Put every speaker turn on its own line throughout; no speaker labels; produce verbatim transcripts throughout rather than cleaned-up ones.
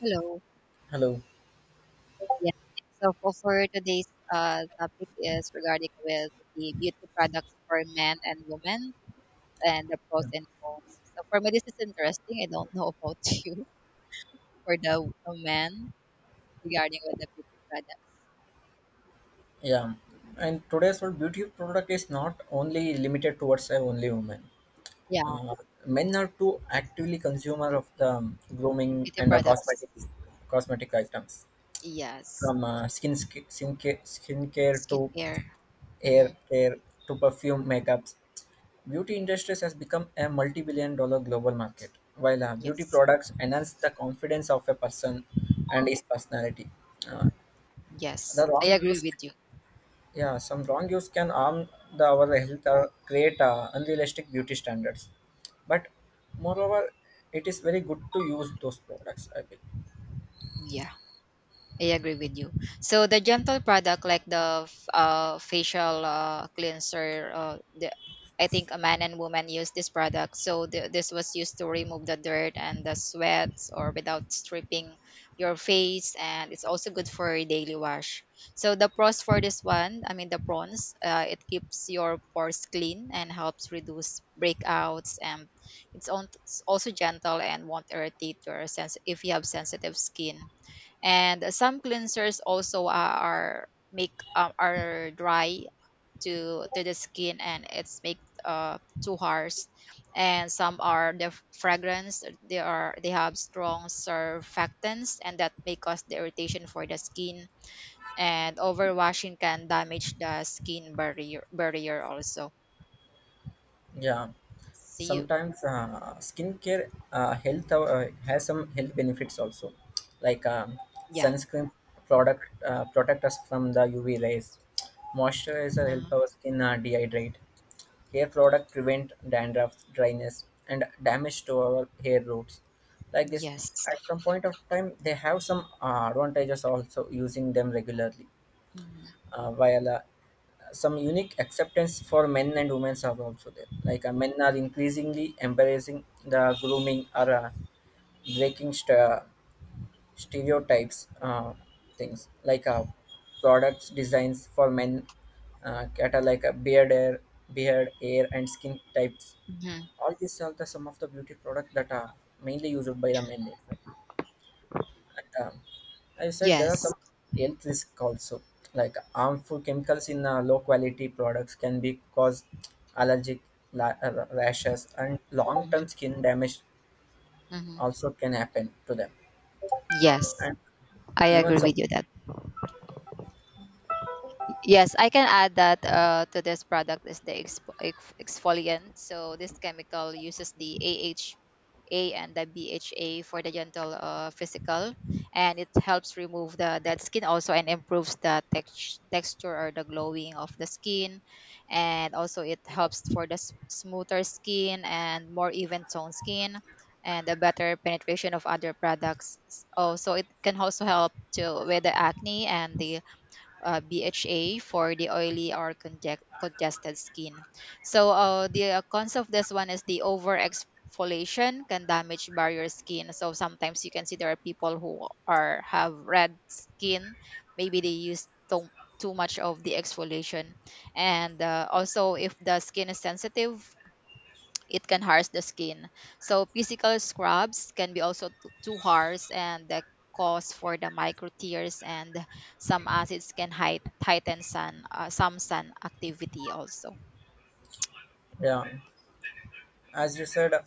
Hello.
Hello.
Yes. So for, for today's uh, topic is regarding with the beauty products for men and women and the pros
Yeah.
and cons. So for me, this is interesting. I don't know about you for the uh, men regarding with the beauty products.
Yeah. And today's world beauty product is not only limited towards a only women.
Yeah,
Uh, Men are too actively consumer of the grooming
beauty
and the
products.
cosmetics, cosmetic items
Yes,
from uh, skin, skin skincare skincare to
skincare. Hmm.
hair care to perfume makeups. Beauty industries has become a multi-billion dollar global market, while uh, beauty
Yes,
products enhance the confidence of a person and his personality. Uh, the
yes, I
wrong
agree
use
with you.
Yeah, some wrong use can harm the our health or create uh, unrealistic beauty standards. But moreover, it is very good to use those products. I will.
Yeah. I agree with you. So the gentle product like the f- uh, facial uh, cleanser, uh, the, I think a man and woman use this product. So th- this was used to remove the dirt and the sweats or without stripping your face, and it's also good for a daily wash. So the pros for this one, I mean the prawns, uh, it keeps your pores clean and helps reduce breakouts, and it's, on, it's also gentle and won't irritate your sense if you have sensitive skin, and some cleansers also uh, are make um, are dry to to the skin and it's make uh too harsh, and some are the fragrance they are they have strong surfactants and that may cause the irritation for the skin, and overwashing can damage the skin barrier barrier also.
Yeah,
See you.
sometimes uh, skincare uh, health uh, has some health benefits also, like um,
Yeah.
sunscreen product uh, protect us from the U V rays. Moisturizer
Uh,
help our skin uh, dehydrate. Hair product prevent dandruff, dryness, and damage to our hair roots. Like this,
yes.
at some point of time, they have some uh, advantages also using them regularly.
Mhm.
Uh, while uh, some unique acceptance for men and women are also there. Like uh, men are increasingly embracing the grooming or uh, breaking st- stereotypes uh, things like uh, products designs for men uh, cat like a beard hair beard hair and skin types,
Mhm.
all these are the some of the beauty products that are mainly used by the men itself. and, um, I said there are some
Yes.
health risk also, like harmful chemicals in uh, low quality products can be cause allergic la- uh, rashes and long
Mhm.
term skin damage
Mhm.
also can happen to them.
Yes.
And
I
even
agree
some
with you that. Yes, I can add that uh, to this product is the exfo- ex- exfoliant. So this chemical uses the A H A and the B H A for the gentle uh, physical, and it helps remove the dead skin also and improves the text- texture or the glowing of the skin, and also it helps for the s- smoother skin and more even toned skin. And a better penetration of other products. Also, it can also help to with the acne and the uh, B H A for the oily or conge- congested skin. So uh, the uh, cons of this one is the over exfoliation can damage barrier skin. So sometimes you can see there are people who are have red skin. Maybe they use too, too much of the exfoliation, and uh, also if the skin is sensitive it can harsh the skin. So physical scrubs can be also too, too harsh and the cause for the micro tears, and some acids can height, heighten sun uh, some sun activity also.
Yeah, as you said, uh,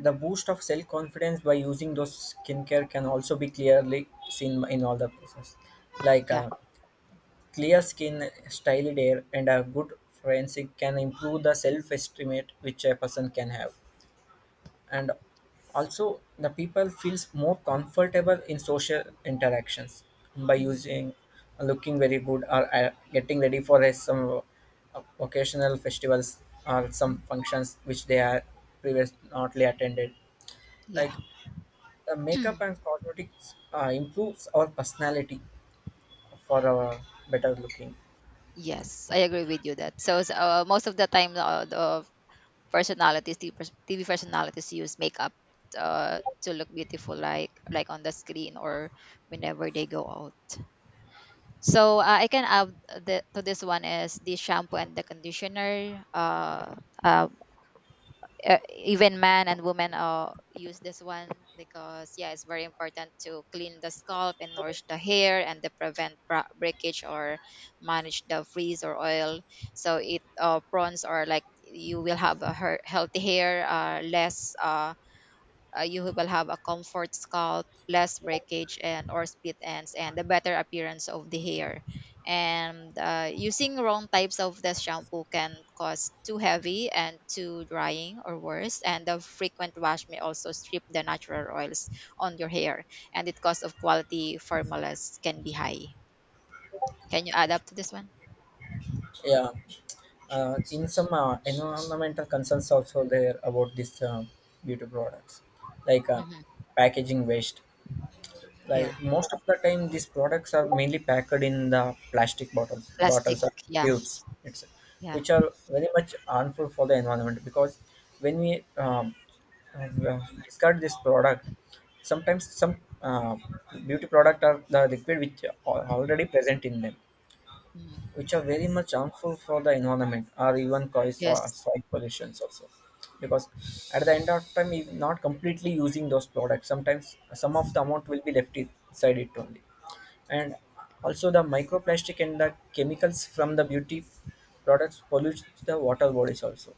the boost of self confidence by using those skincare can also be clearly seen in all the places. Like
Yeah.
uh, clear skin, styled hair, and a good forensic can improve the self estimate which a person can have, and also the people feels more comfortable in social interactions by
Mhm.
using looking very good or uh, getting ready for a, some uh, occasional festivals or some functions which they are previously attended,
Yeah.
like the makeup and cosmetics uh, improves our personality for our better looking.
Yes, I agree with you that. So s- uh, most of the time uh, the personalities T V, pers- T V personalities use makeup uh, to look beautiful like like on the screen or whenever they go out. So uh, I can add the, to this one is the shampoo and the conditioner. Uh, uh, e- Even men and women uh, use this one because yeah, it's very important to clean the scalp and nourish the hair and to prevent bra- breakage or manage the freeze or oil. So it uh, prawns or like you will have a her- healthy hair, uh, less. Uh, uh, you will have a comfort scalp, less breakage and or split ends, and the better appearance of the hair. And uh, using wrong types of the shampoo can cause too heavy and too drying or worse. And the frequent wash may also strip the natural oils on your hair, and the cost of quality formulas can be high. Can you add up to this one?
Yeah, uh, in some uh, environmental concerns also there about this uh, beauty products, like uh,
Hmm.
packaging waste,
Yeah,
like most of the time these products are mainly packed in the plastic bottles
plastic.
bottles or
Yeah,
tubes, it's
yeah.
which are very much harmful for the environment because when we um, uh, discard this product, sometimes some uh, beauty product are the liquid which are already present in them,
Mm.
which are very much harmful for the environment or even cause so-
Yes,
soil pollutions also, because at the end of time if not completely using those products, sometimes some of the amount will be left inside it only, and also the microplastic and the chemicals from the beauty products pollute the water bodies also.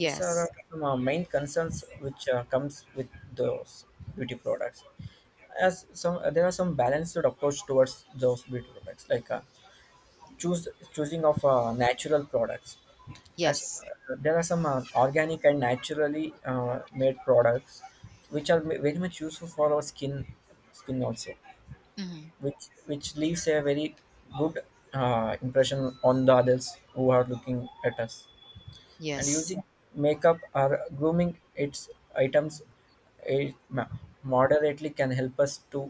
These are uh, some uh, main concerns which uh, comes with those beauty products. As some there are some balanced approach towards those beauty products, like uh, choose choosing of uh, natural products, as
yes.
uh, there are some uh, organic and naturally uh, made products which are ma- very much useful for our skin skin also,
Hmm.
which which leaves a very good uh, impression on the others who are looking at us, and
Yes,
using makeup or grooming its items, it ma- moderately can help us to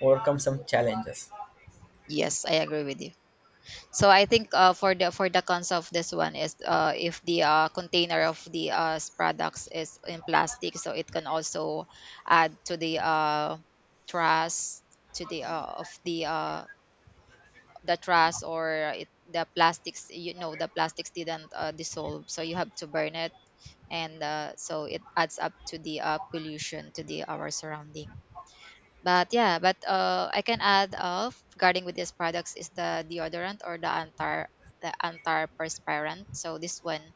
overcome some challenges.
yes. I agree with you. So I think uh, for the for the cons of this one is uh, if the uh, container of the uh, s- products is in plastic, so it can also add to the uh, trash to the uh, of the uh, the trash, or it, the plastics. You know, the plastics didn't uh, dissolve, so you have to burn it, and uh, so it adds up to the uh, pollution to the our surrounding. But yeah, but uh, I can add of regarding with these products is the deodorant or the antar the antiperspirant. So this one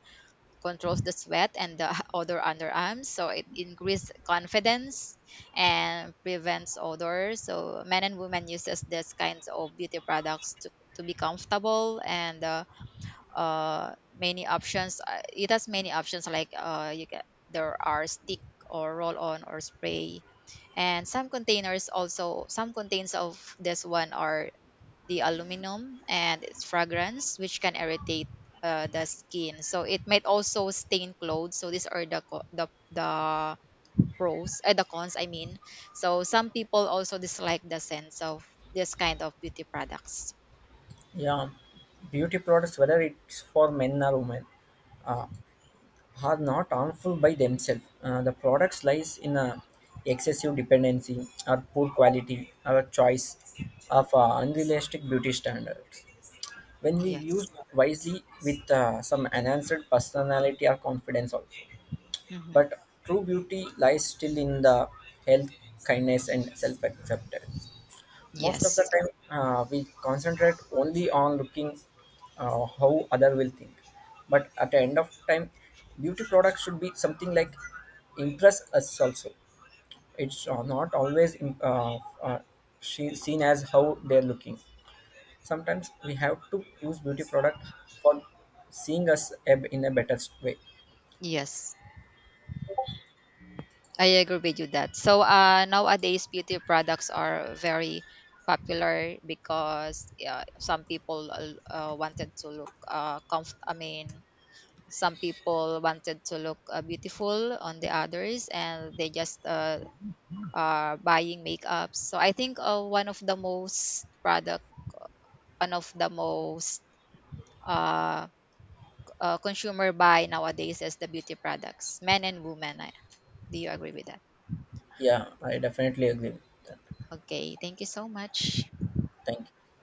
controls the sweat and the odor underarms. So it increases confidence and prevents odor. So men and women uses this kinds of beauty products to, to be comfortable and uh, uh, many options. Uh, It has many options like uh, you get there are stick or roll on or spray, and some containers also some contains of this one are the aluminum and its fragrance which can irritate uh, the skin. So it might also stain clothes. So these are the co- the the pros, uh, the cons. I mean, so some people also dislike the sense of this kind of beauty products.
Yeah, beauty products whether it's for men or women are not harmful by themselves. Uh, the products lies in a excessive dependency or poor quality or choice of uh, unrealistic beauty standards. When we use
Yes.
wisely with uh, some enhanced personality or confidence also.
Hmm.
But true beauty lies still in the health, kindness and self-acceptance. Most of the
Yes.
time, uh, we concentrate only on looking uh, how other will think. But at the end of time, beauty product should be something like impress us also. It's uh, not always im- uh, uh, she, seen as how they're looking. Sometimes we have to use beauty product for seeing us ab- in a better way.
Yes. I agree with you that. So uh, nowadays, beauty products are very popular because uh, some people uh, wanted to look uh, comfort. I mean, some people wanted to look uh, beautiful on the others, and they just uh, are buying makeups. So I think uh, one of the most product, one of the most uh, uh, consumer buy nowadays is the beauty products, men and women. I- Do you agree with that?
Yeah, I definitely agree with that.
Okay, thank you so much.
Thank you.